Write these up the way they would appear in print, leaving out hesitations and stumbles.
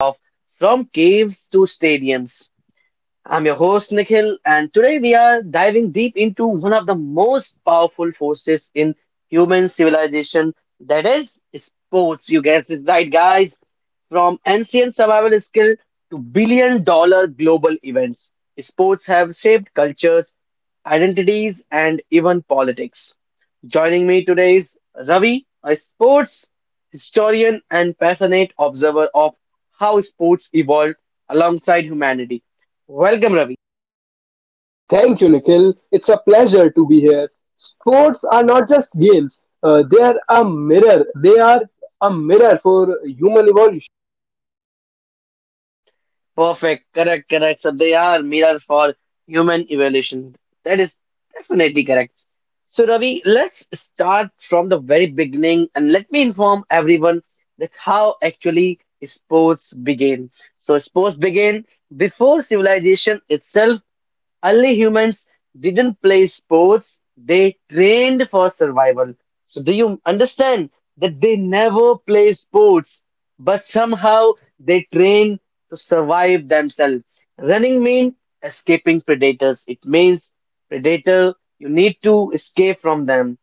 Of From caves to stadiums. I'm your host, Nikhil, and today we are diving deep into one of the most powerful forces in human civilization that is sports. You guessed it right, guys. From ancient survival skill to billion dollar global events, sports have shaped cultures, identities, and even politics. Joining me today is Ravi, a sports historian and passionate observer of how sports evolved alongside humanity. Welcome, Ravi. Thank you, Nikhil. It's a pleasure to be here. Sports are not just games, they are a mirror. They are a mirror for human evolution. Perfect, correct, correct. So they are mirrors for human evolution. That is definitely correct. So, Ravi, let's start from the very beginning and let me inform everyone that how actually sports began. So, sports began before civilization itself. Early humans didn't play sports, they trained for survival. So, do you understand that they never play sports, but somehow they train to survive themselves? Running means escaping predators. It means predator, you need to escape from them,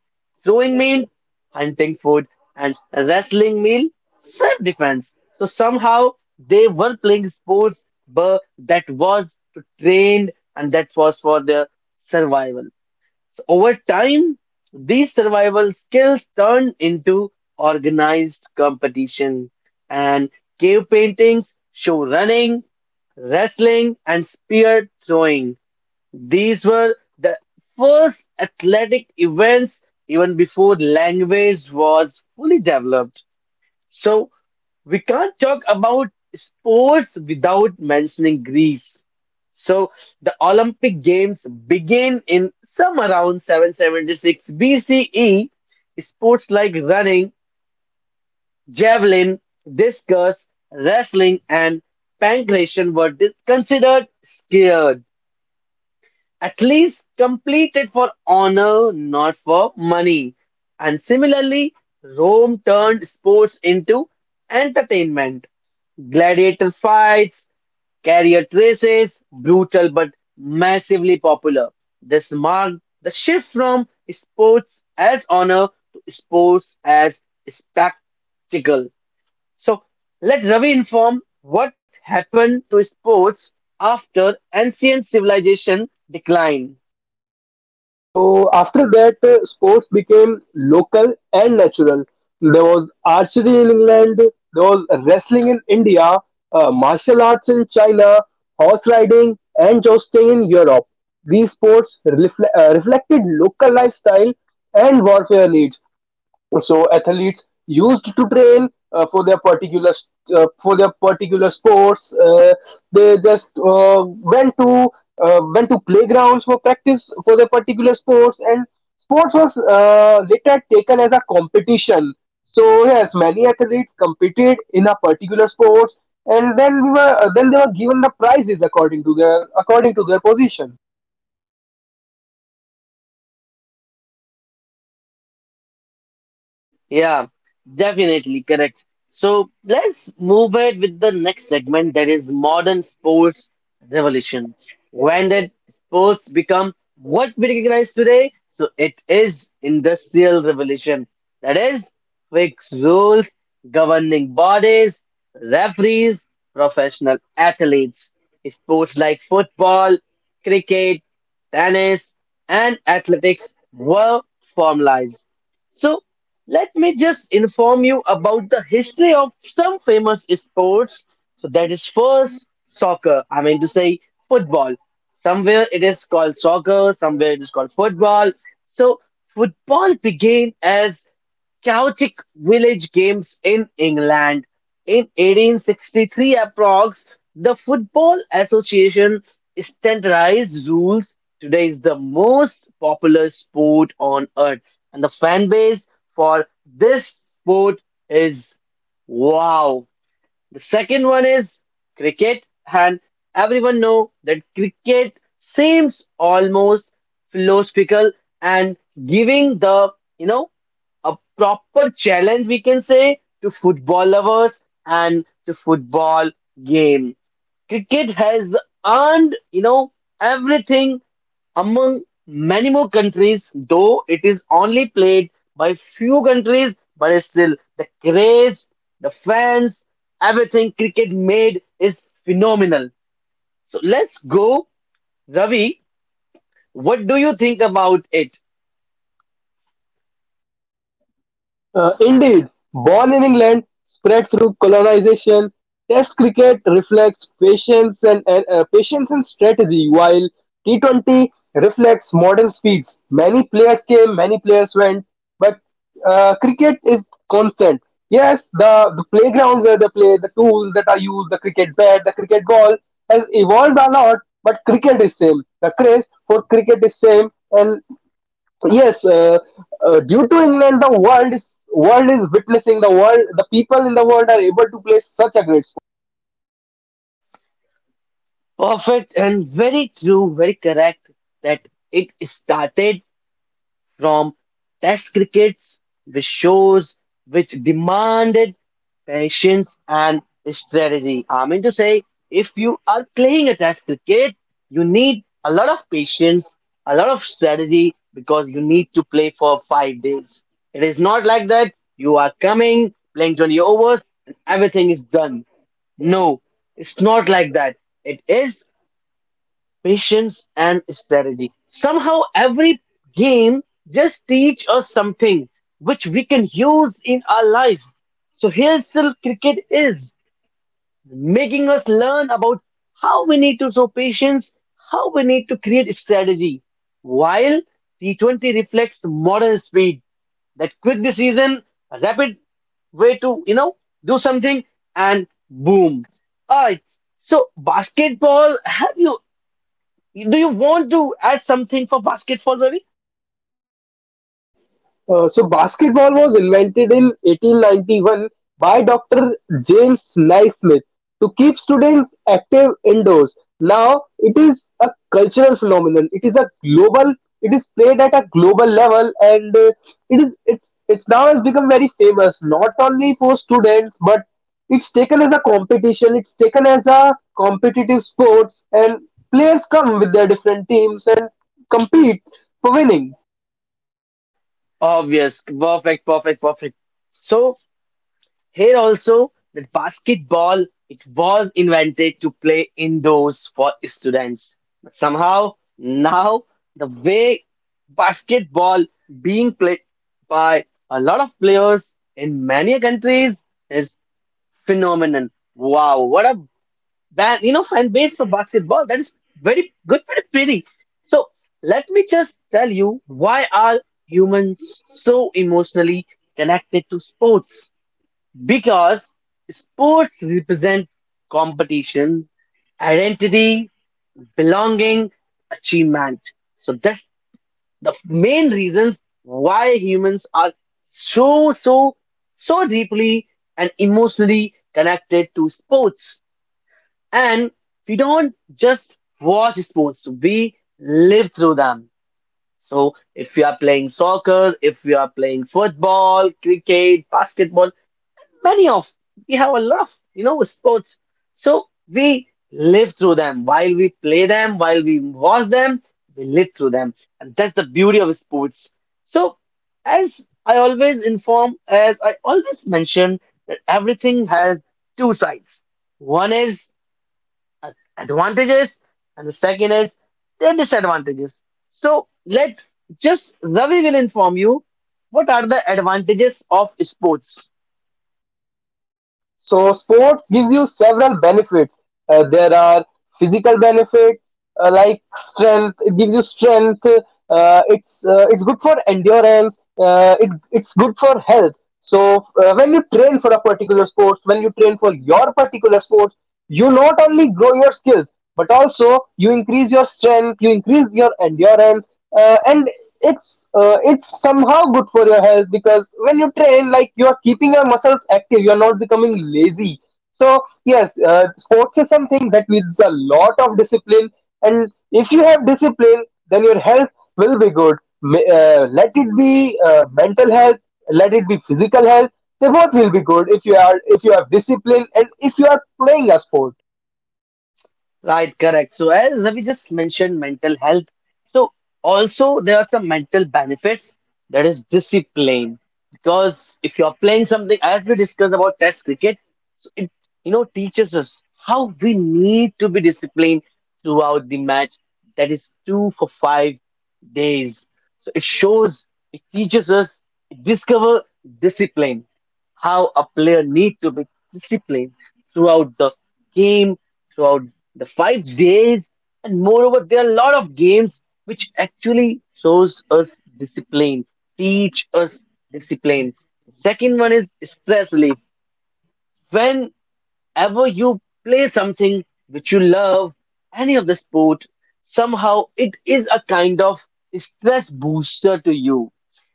throwing meal, hunting food, and wrestling meal, self-defense. So somehow they were playing sports, but that was to train and that was for their survival. So over time, these survival skills turned into organized competition, and cave paintings show running, wrestling, and spear throwing. These were the first athletic events even before language was fully developed. So we can't talk about sports without mentioning Greece. So the Olympic Games begin in some around 776 BCE. Sports like running, javelin, discus, wrestling, and pancration were considered skilled. At least complete it for honor, not for money. And similarly, Rome turned sports into entertainment. Gladiator fights, chariot races, brutal but massively popular. This marked the shift from sports as honor to sports as spectacle. So let Ravi inform what happened to sports after ancient civilization decline. So, after that, sports became local and natural. There was archery in England, there was wrestling in India, martial arts in China, horse riding, and jousting in Europe. These sports reflected local lifestyle and warfare needs. So athletes used to train for their particular sports. They just went to went to playgrounds for practice for their particular sports, and sports was later taken as a competition. So yes, many athletes competed in a particular sports, and then they were given the prizes according to their position. Yeah, definitely correct. So let's move ahead with the next segment that is modern sports revolution. When did sports become what we recognize today? So it is industrial revolution. That is fixed rules, governing bodies, referees, professional athletes. Sports like football, cricket, tennis, and athletics were formalized. So let me just inform you about the history of some famous sports. So that is first soccer. I mean to say football. Somewhere it is called soccer, somewhere it is called football. So football began as chaotic village games in England. In 1863 approx, the Football Association standardized rules. Today is the most popular sport on earth. And the fan base for this sport is wow. The second one is cricket, and everyone know that cricket seems almost philosophical and giving the you know a proper challenge we can say to football lovers and to football game. Cricket has earned, you know, everything among many more countries, though it is only played by few countries, but still the craze, the fans, everything cricket made is phenomenal. So let's go, Ravi. What do you think about it? Indeed, born in England, spread through colonization, test cricket reflects patience and strategy, while T20 reflects modern speeds. Many players came, many players went, but cricket is constant. Yes, the playground where they play, the tools that are used, the cricket bat, the cricket ball has evolved a lot, but cricket is same. The craze for cricket is same, and yes, due to england the world is witnessing the people in the world are able to play such a great. Perfect and very true, very correct that it started from test crickets, which shows which demanded patience and strategy. I mean to say, if you are playing a test cricket, you need a lot of patience, a lot of strategy because you need to play for 5 days. It is not like that you are coming, playing 20 overs, and everything is done. No, it's not like that. It is patience and strategy. Somehow, every game just teach us something which we can use in our life. So here, still cricket is making us learn about how we need to show patience, how we need to create strategy. While T20 reflects modern speed, that quick decision, rapid way to, you know, do something, and boom. All right. So basketball. Have you do you want to add something for basketball, Ravi? So basketball was invented in 1891 by Dr. James Naismith to keep students active indoors. Now it is a cultural phenomenon. It is a global. It is played at a global level, and it is it's now has become very famous not only for students, but it's taken as a competition. It's taken as a competitive sports, and players come with their different teams and compete for winning. Obvious. Perfect, perfect, perfect. So here also that basketball, it was invented to play indoors for students. But somehow now the way basketball being played by a lot of players in many countries is phenomenon. Wow, what a. That, you know, fan base for basketball. That is very good for the pity. So let me just tell you why are humans so emotionally connected to sports? Because sports represent competition, identity, belonging, achievement. So that's the main reasons why humans are so so so deeply and emotionally connected to sports. And we don't just watch sports, we live through them. So if we are playing soccer, if we are playing football, cricket, basketball, many of we have a lot of, you know, sports. So we live through them while we play them, while we watch them, we live through them. And that's the beauty of sports. So as I always inform, as I always mention that everything has two sides. One is uh, advantages and the second is their disadvantages. So let just Ravi will inform you what are the advantages of sports. So sports gives you several benefits. There are physical benefits like strength. It gives you strength. It's good for endurance. It's good for health. So when you train for a particular sports, when you train for your particular sports, you not only grow your skills, but also you increase your strength, you increase your endurance, and it's somehow good for your health, because when you train, like, you are keeping your muscles active, you're not becoming lazy. So yes, sports is something that needs a lot of discipline, and if you have discipline, then your health will be good. Let it be mental health, let it be physical health, they both will be good if you are if you have discipline and if you are playing a sport. Right, correct. So as Ravi just mentioned, mental health. So also there are some mental benefits that is discipline because if you are playing something as we discussed about test cricket, so it, you know, teaches us how we need to be disciplined throughout the match. That is two for 5 days. So it shows, it teaches us, it discover discipline, how a player need to be disciplined throughout the game, throughout the 5 days, and moreover, there are a lot of games which actually shows us discipline, teach us discipline. Second one is stress relief. When ever you play something which you love, any of the sport, somehow it is a kind of stress booster to you.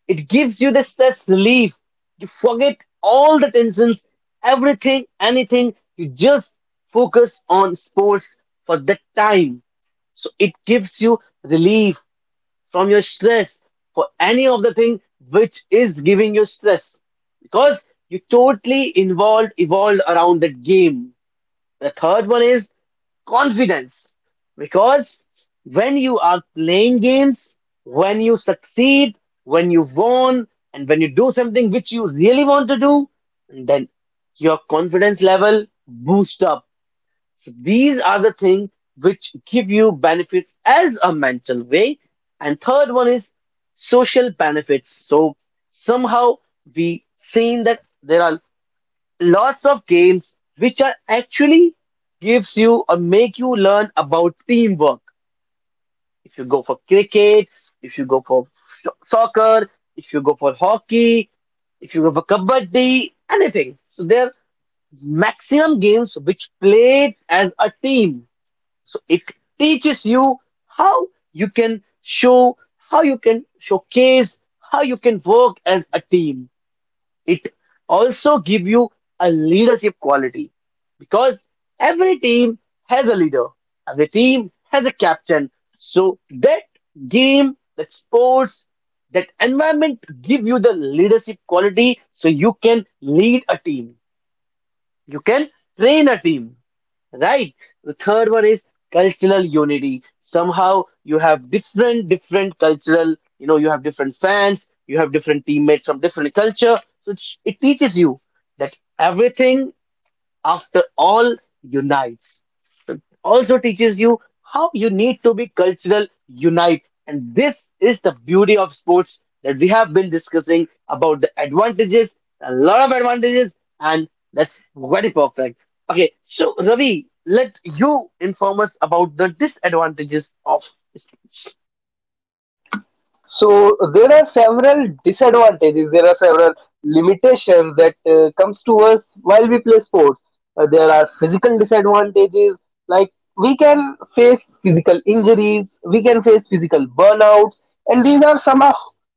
It gives you the stress relief. You forget all the tensions, everything, anything. You just focus on sports for that time. So it gives you relief from your stress for any of the thing which is giving you stress because you totally involved, evolved around that game. The third one is confidence. Because when you are playing games, when you succeed, when you won, and when you do something which you really want to do, then your confidence level boosts up. So these are the things which give you benefits as a mental way. And third one is social benefits. So somehow we seen that there are lots of games which are actually gives you or make you learn about teamwork. If you go for cricket, if you go for soccer, if you go for hockey, if you go for kabaddi, anything, so there are maximum games which played as a team. So it teaches you how you can show, how you can showcase, how you can work as a team. It also give you a leadership quality because every team has a leader, every team has a captain. So that game, that sports, that environment give you the leadership quality so you can lead a team. You can train a team, right? The third one is cultural unity. Somehow you have different, different cultural, you know, you have different fans, you have different teammates from different culture. So it teaches you that everything after all unites. It also teaches you how you need to be cultural unite, and this is the beauty of sports that we have been discussing about the advantages, a lot of advantages, and that's very perfect. Okay, so Ravi, let you inform us about the disadvantages of sports. So there are several disadvantages. There are several limitations that comes to us while we play sports. There are physical disadvantages like we can face physical injuries, we can face physical burnouts, and these are somehow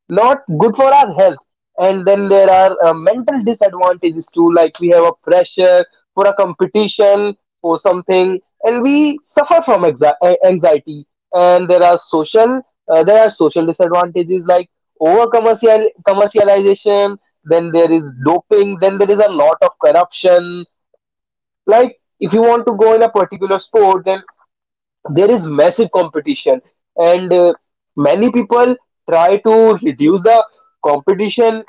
not good for our health. And then there are mental disadvantages too, like we have a pressure for a competition for something, and we suffer from anxiety. And there are social disadvantages like over commercial commercialization, then there is doping, then there is a lot of corruption. Like if you want to go in a particular sport, then there is massive competition, and many people try to reduce the competition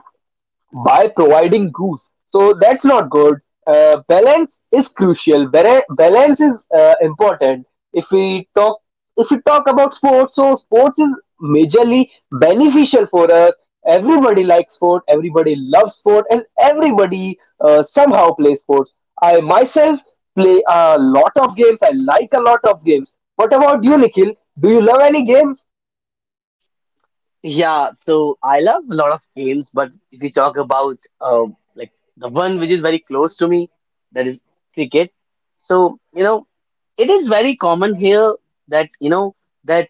by providing rules. So that's not good. Balance is crucial. Balance is important. If we talk, if we talk about sports, so sports is majorly beneficial for us. Everybody likes sport. Everybody loves sport, and everybody somehow plays sports. I myself play a lot of games. I like a lot of games. What about you, Nikhil? Do you love any games? Yeah, so I love a lot of games, but if we talk about like the one which is very close to me, that is cricket. So, you know, it is very common here that, you know, that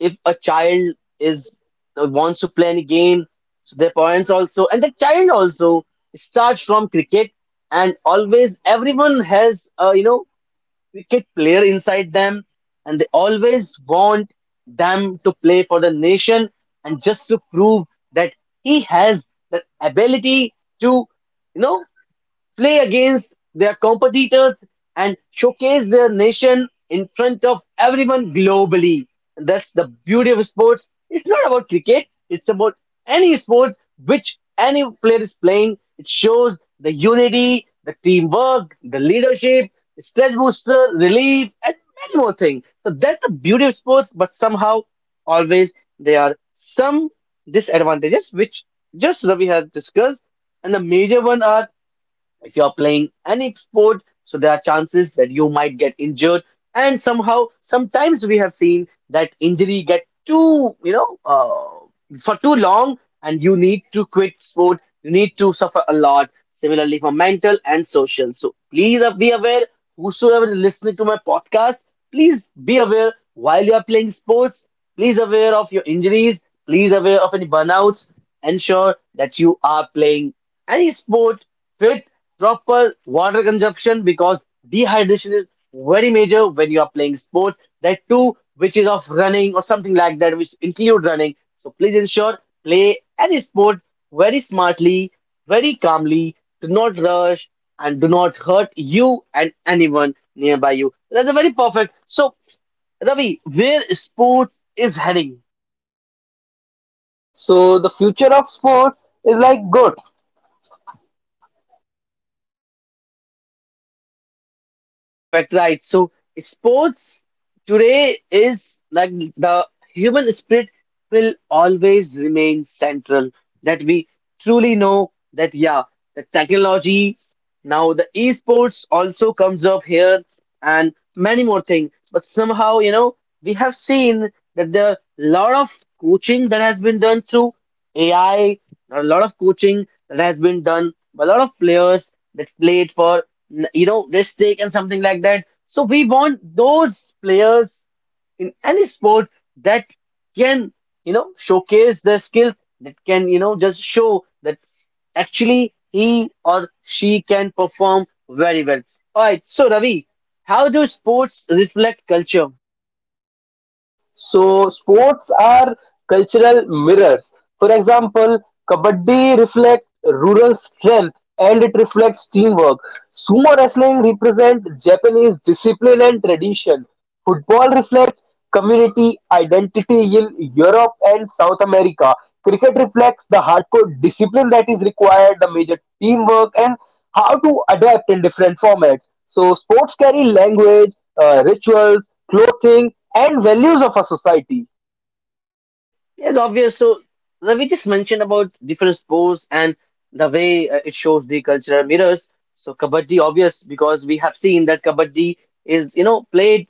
if a child is wants to play any game, so their parents also and the child also starts from cricket, and always everyone has you know cricket player inside them and they always want them to play for the nation and just to prove that he has the ability to, you know, play against their competitors and showcase their nation in front of everyone globally. And that's the beauty of sports. It's not about cricket, it's about any sport which any player is playing. It shows the unity, the teamwork, the leadership, stress booster, relief, and many more things. So that's the beauty of sports, but somehow always there are some disadvantages which just Ravi has discussed. And the major one are if you are playing any sport, so there are chances that you might get injured. And somehow, sometimes we have seen that injury get too, you know, for too long, and you need to quit sport. You need to suffer a lot. Similarly, for mental and social. So please be aware. Whosoever is listening to my podcast, please be aware while you are playing sports. Please aware of your injuries. Please aware of any burnouts. Ensure that you are playing any sport with proper water consumption because dehydration is very major when you are playing sport. That too, which is of running or something like that, which include running. So please ensure play any sport very smartly, very calmly. Do not rush and do not hurt you and anyone nearby you. That's a very perfect. So Ravi, where sports is heading? So the future of sports is like good. Perfect, right? So, sports today is like the human spirit will always remain central. That we truly know that, yeah, the technology now the esports also comes up here, and many more things. But somehow, you know, we have seen that there are a lot of coaching that has been done through AI, a lot of coaching that has been done by a lot of players that played for, you know, this stake and something like that. So we want those players in any sport that can, you know, showcase their skill that can, you know, just show that actually he or she can perform very well. All right, so Ravi, how do sports reflect culture? So sports are cultural mirrors. For example, kabaddi reflects rural strength, and it reflects teamwork. Sumo wrestling represents Japanese discipline and tradition. Football reflects community identity in Europe and South America. Cricket reflects the hardcore discipline that is required, the major teamwork, and how to adapt in different formats. So sports carry language, rituals, clothing, and values of a society. Yes, obvious. So Ravi just mentioned about different sports and the way it shows the cultural mirrors. So kabaddi, obvious, because we have seen that kabaddi is, you know, played,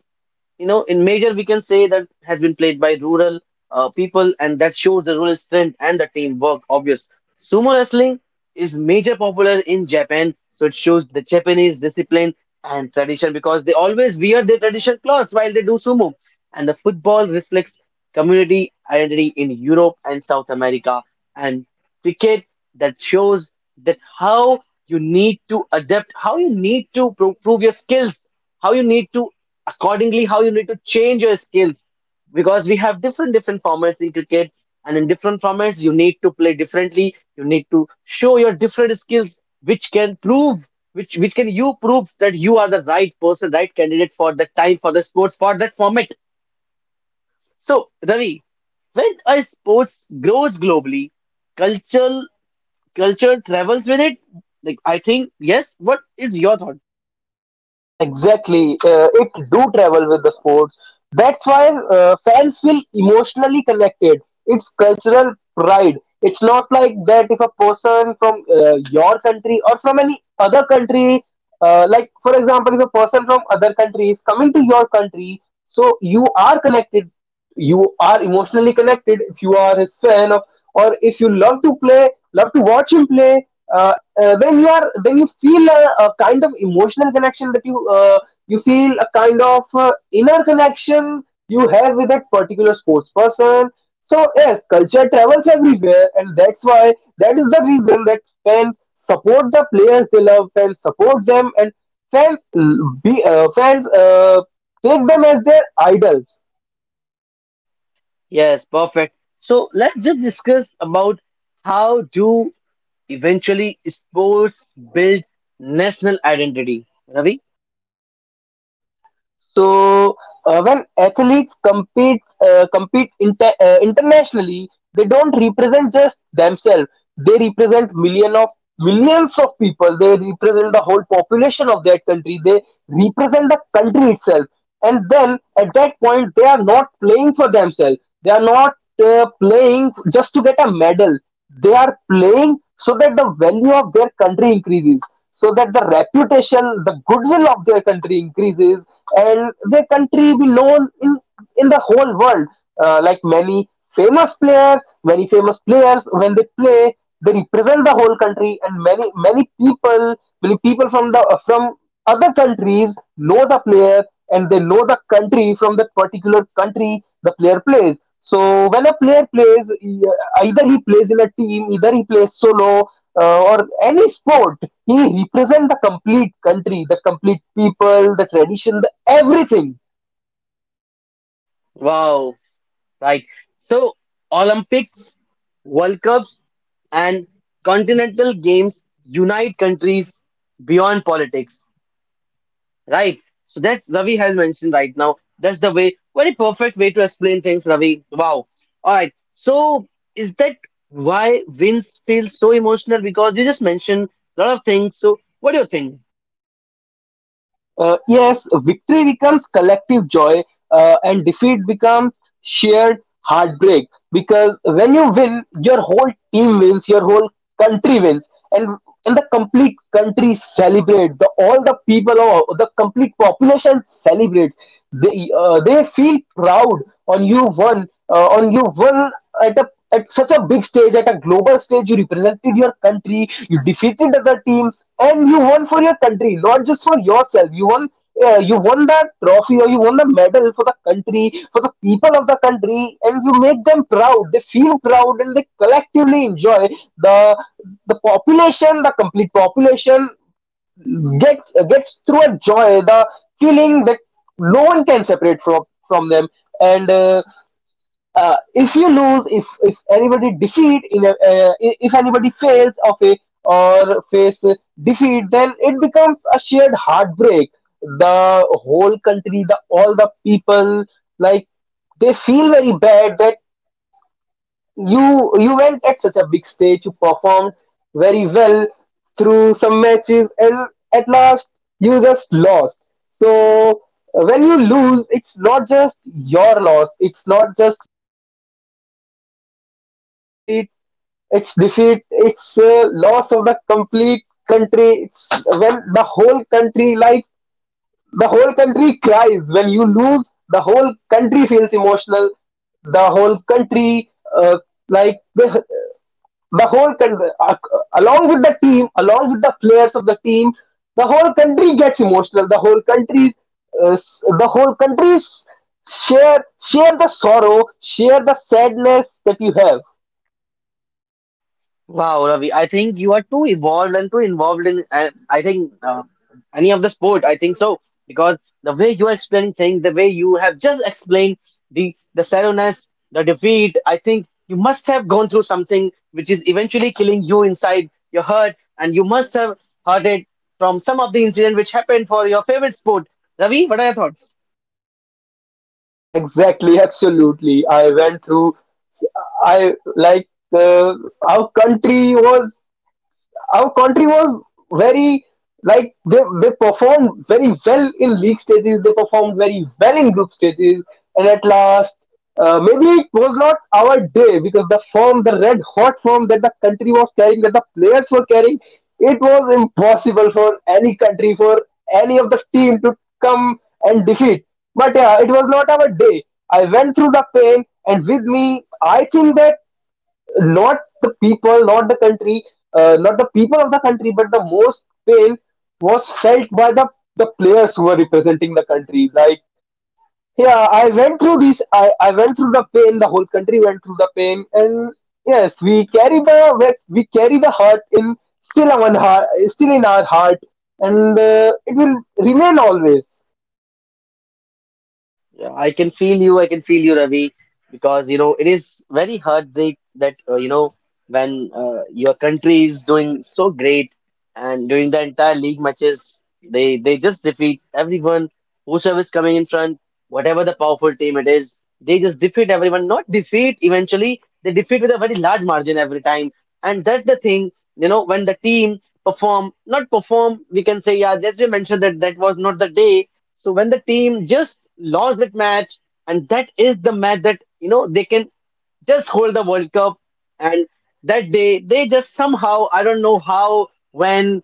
you know, in major, we can say that has been played by rural people, and that shows the real strength and the teamwork. Obvious. Sumo wrestling is major popular in Japan, so it shows the Japanese discipline and tradition because they always wear their traditional clothes while they do sumo. And the football reflects community identity in Europe and South America, and cricket, that shows that how you need to adapt, how you need to prove your skills, how you need to accordingly, how you need to change your skills because we have different different formats in cricket, and in different formats you need to play differently, you need to show your different skills which can prove, which can you prove that you are the right person, right candidate for the time, for the sports, for that format. So Ravi, when a sports grows globally, cultural culture travels with it, like, I think, yes, what is your thought? Exactly, it do travel with the sports. That's why fans feel emotionally connected. It's cultural pride. It's not like that if a person from your country or from any other country, like, for example, if a person from other country is coming to your country, so you are connected, you are emotionally connected if you are his fan of, or if you love to play, love to watch him play, uh, then you are then you feel a kind of emotional connection, that you you feel a kind of inner connection you have with that particular sports person. So yes, culture travels everywhere, and that's why, that is the reason that fans support the players they love, fans support them, and fans l- be fans take them as their idols. Yes, perfect. So let's just discuss about how do, eventually, sports build national identity. Ravi? So when athletes compete internationally, they don't represent just themselves. They represent millions of people. They represent the whole population of that country. They represent the country itself, and then at that point they are not playing for themselves, they are not playing just to get a medal. They are playing so that the value of their country increases, so that the reputation, the goodwill of their country increases, and their country be known in the whole world. Like many famous players, many famous players, when they play, they represent the whole country, and many people from the from other countries know the player, and they know the country from that particular country the player plays. So when a player plays, either he plays in a team, either he plays solo, or any sport, he represents the complete country, the complete people, the tradition, the everything. Wow, right. So, Olympics, World Cups, and continental games unite countries beyond politics, right? So, that's Ravi has mentioned right now. That's the way, very perfect way to explain things, Ravi. Wow. All right. So, is that why wins feel so emotional? Because you just mentioned a lot of things. So, what do you think? Yes, victory becomes collective joy, and defeat becomes shared heartbreak, because when you win, your whole team wins, your whole country wins. And the complete country celebrates. The all the people or the complete population celebrates. They they feel proud on you won. On you won at a at such a big stage, at a global stage, you represented your country, you defeated other teams, and you won for your country, not just for yourself, you won. Yeah, you won that trophy or you won the medal for the country, for the people of the country, and you make them proud. They feel proud, and they collectively enjoy the the population, the complete population gets through a joy, the feeling that no one can separate from them. And if you lose, if anybody defeat, in a, if anybody fails of a or face defeat, then it becomes a shared heartbreak. The whole country, the all the people, like, they feel very bad that you went at such a big stage, you performed very well through some matches, and at last you just lost. So when you lose, it's not just your loss. It's not just complete, it's defeat, it's loss of the complete country. It's when the whole country, like, the whole country cries when you lose, the whole country feels emotional, the whole country, uh, like the whole country along with the team, along with the players of the team, the whole country gets emotional, the whole country the whole countries share share the sorrow, share the sadness that you have. Wow, Ravi, I think you are too evolved and too involved in, I think, any of the sport. I think so. Because the way you are explaining things, the way you have just explained the sadness, the defeat, I think you must have gone through something which is eventually killing you inside your heart. And you must have heard it from some of the incident which happened for your favorite sport. Ravi, what are your thoughts? Exactly, absolutely. I went through, I like uh, our country was our country was very, like, they performed very well in league stages, they performed very well in group stages, and at last, maybe it was not our day, because the form, the red hot form that the country was carrying, that the players were carrying, it was impossible for any country, for any of the team to come and defeat. But yeah, it was not our day. I went through the pain, and with me, I think that not the people, not the country, not the people of the country, but the most pain was felt by the players who were representing the country. Like, yeah, I went through this, I went through the pain, the whole country went through the pain, and yes, we carry the carry the hurt in still our heart, still in our heart, and it will remain always. Yeah, I can feel you. I can feel you, Ravi, because you know it is very heartbreak that, you know, when your country is doing so great, and during the entire league matches, they just defeat everyone, whosoever is coming in front, whatever the powerful team it is, they just defeat everyone. Not defeat eventually, they defeat with a very large margin every time, and that's the thing. You know, when the team perform, not perform, we can say, yeah. As we mentioned that that was not the day. So when the team just lost that match, and that is the match that, you know, they can just hold the World Cup. And that day, they just somehow, I don't know how, when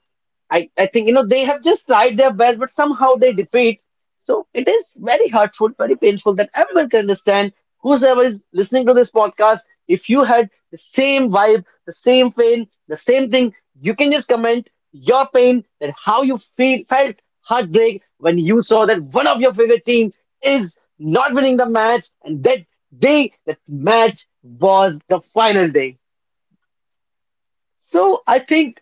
I think, you know, they have just tried their best, but somehow they defeat. So it is very hurtful, very painful that everyone can understand. Whosoever is listening to this podcast, if you had the same vibe, the same pain, the same thing, you can just comment your pain that how you feel felt heartbreak when you saw that one of your favorite team is not winning the match, and that day that match was the final day. So I think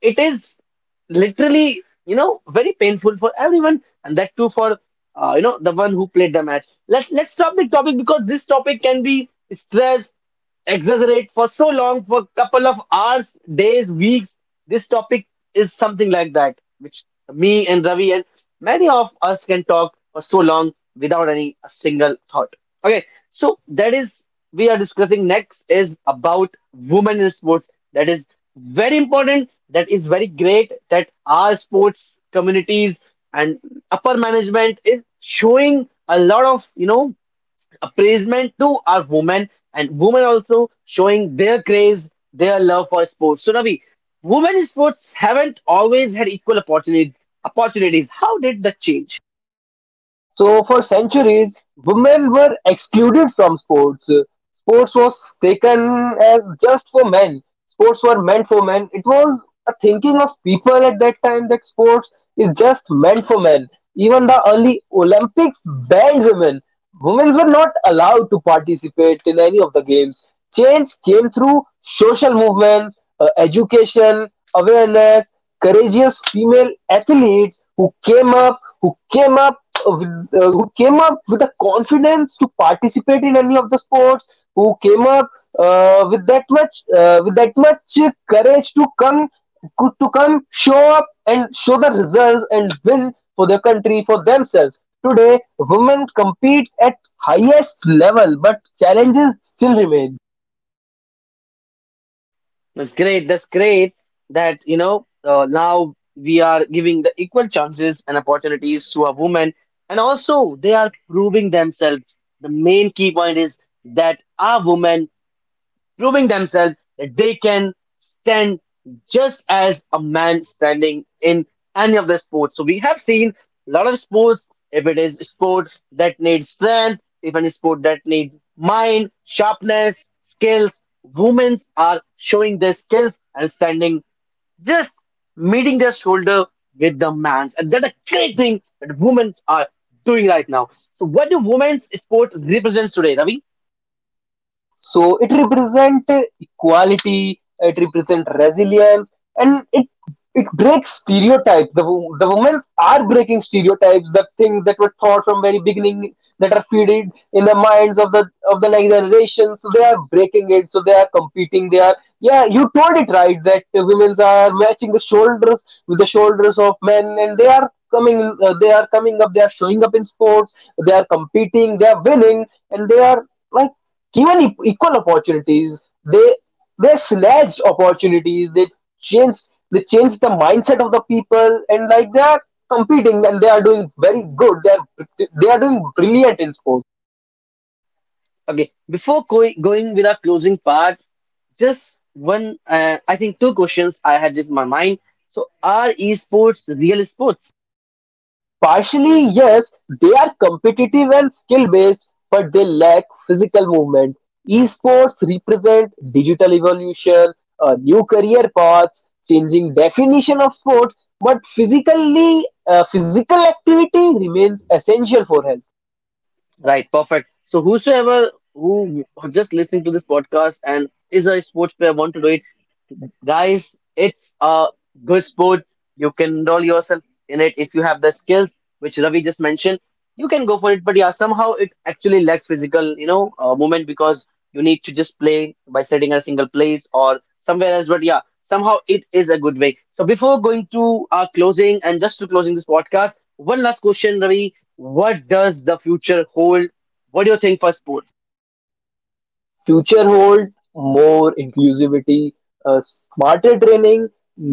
it is literally, you know, very painful for everyone, and that too for you know, the one who played the match. Let's stop the topic because this topic can be stressed, exaggerate for so long, for a couple of hours, days, weeks. This topic is something like that, which me and Ravi and many of us can talk for so long without any a single thought. Okay, so that is we are discussing next is about women in sports. That is very important. That is very great that our sports communities and upper management is showing a lot of, you know, appraisement to our women, and women also showing their craze, their love for sports. So Ravi, women in sports haven't always had equal opportunity opportunities. How did that change? So for centuries, women were excluded from sports. Sports was taken as just for men. Sports were meant for men. It was a thinking of people at that time that sports is just meant for men. Even the early Olympics banned women. Women were not allowed to participate in any of the games. Change came through social movements, education, awareness, courageous female athletes who came up with, who came up with the confidence to participate in any of the sports, who came up with that much courage to come to come show up and show the results and win for their country, for themselves. Today, women compete at highest level, but challenges still remain. That's great. That's great that, you know, now we are giving the equal chances and opportunities to our women, and also they are proving themselves. The main key point is that our women proving themselves that they can stand just as a man standing in any of the sports. So we have seen a lot of sports. If it is sport that needs strength, if any sport that need mind, sharpness, skills, women are showing their skills and standing just meeting their shoulder with the man's. And that's a great thing that women are doing right now. So what do women's sport represents today, Ravi? So it represent equality, it represent resilience, and it breaks stereotypes. The women are breaking stereotypes, the things that were taught from very beginning that are feeded in the minds of the next generation. So they are breaking it. So they are competing. They are, yeah. You told it right that women's are matching the shoulders with the shoulders of men, and they are coming up, they are showing up in sports, they are competing, they are winning, and they are, like, given equal opportunities. they they slashed opportunities, changed they changed the mindset of the people, and, like, they are competing and they are doing very good, they are doing brilliant in sports. Okay, before going with our closing part, just one, I think two questions I had just in my mind. So, are esports real sports? Partially, yes, they are competitive and skill-based, but they lack physical movement. Esports represent digital evolution, new career paths, changing definition of sport, but physically, physical activity remains essential for health. Right, perfect. So, whosoever who just listening to this podcast and is a sports player, want to do it, guys, it's a good sport. You can enroll yourself in it if you have the skills, which Ravi just mentioned. You can go for it, but yeah, somehow it actually lacks physical, you know, movement because you need to just play by sitting at a single place or somewhere else. But yeah, somehow it is a good way. So before going to our closing and just to closing this podcast, one last question, Ravi. What does the future hold? What do you think for sport? Future hold more inclusivity, smarter training,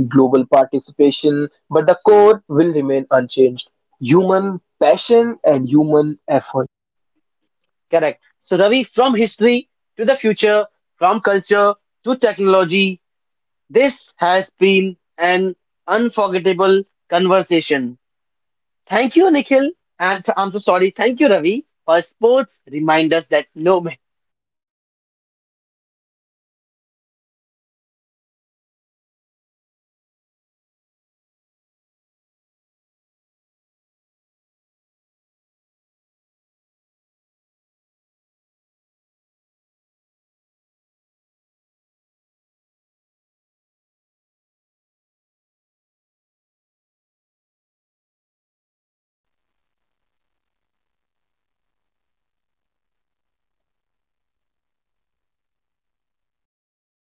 global participation, but the core will remain unchanged. Human passion and human effort. Correct. So, Ravi, from history to the future, from culture to technology, this has been an unforgettable conversation. Thank you, Nikhil. And I'm so sorry. Thank you, Ravi, for sports remind us that no matter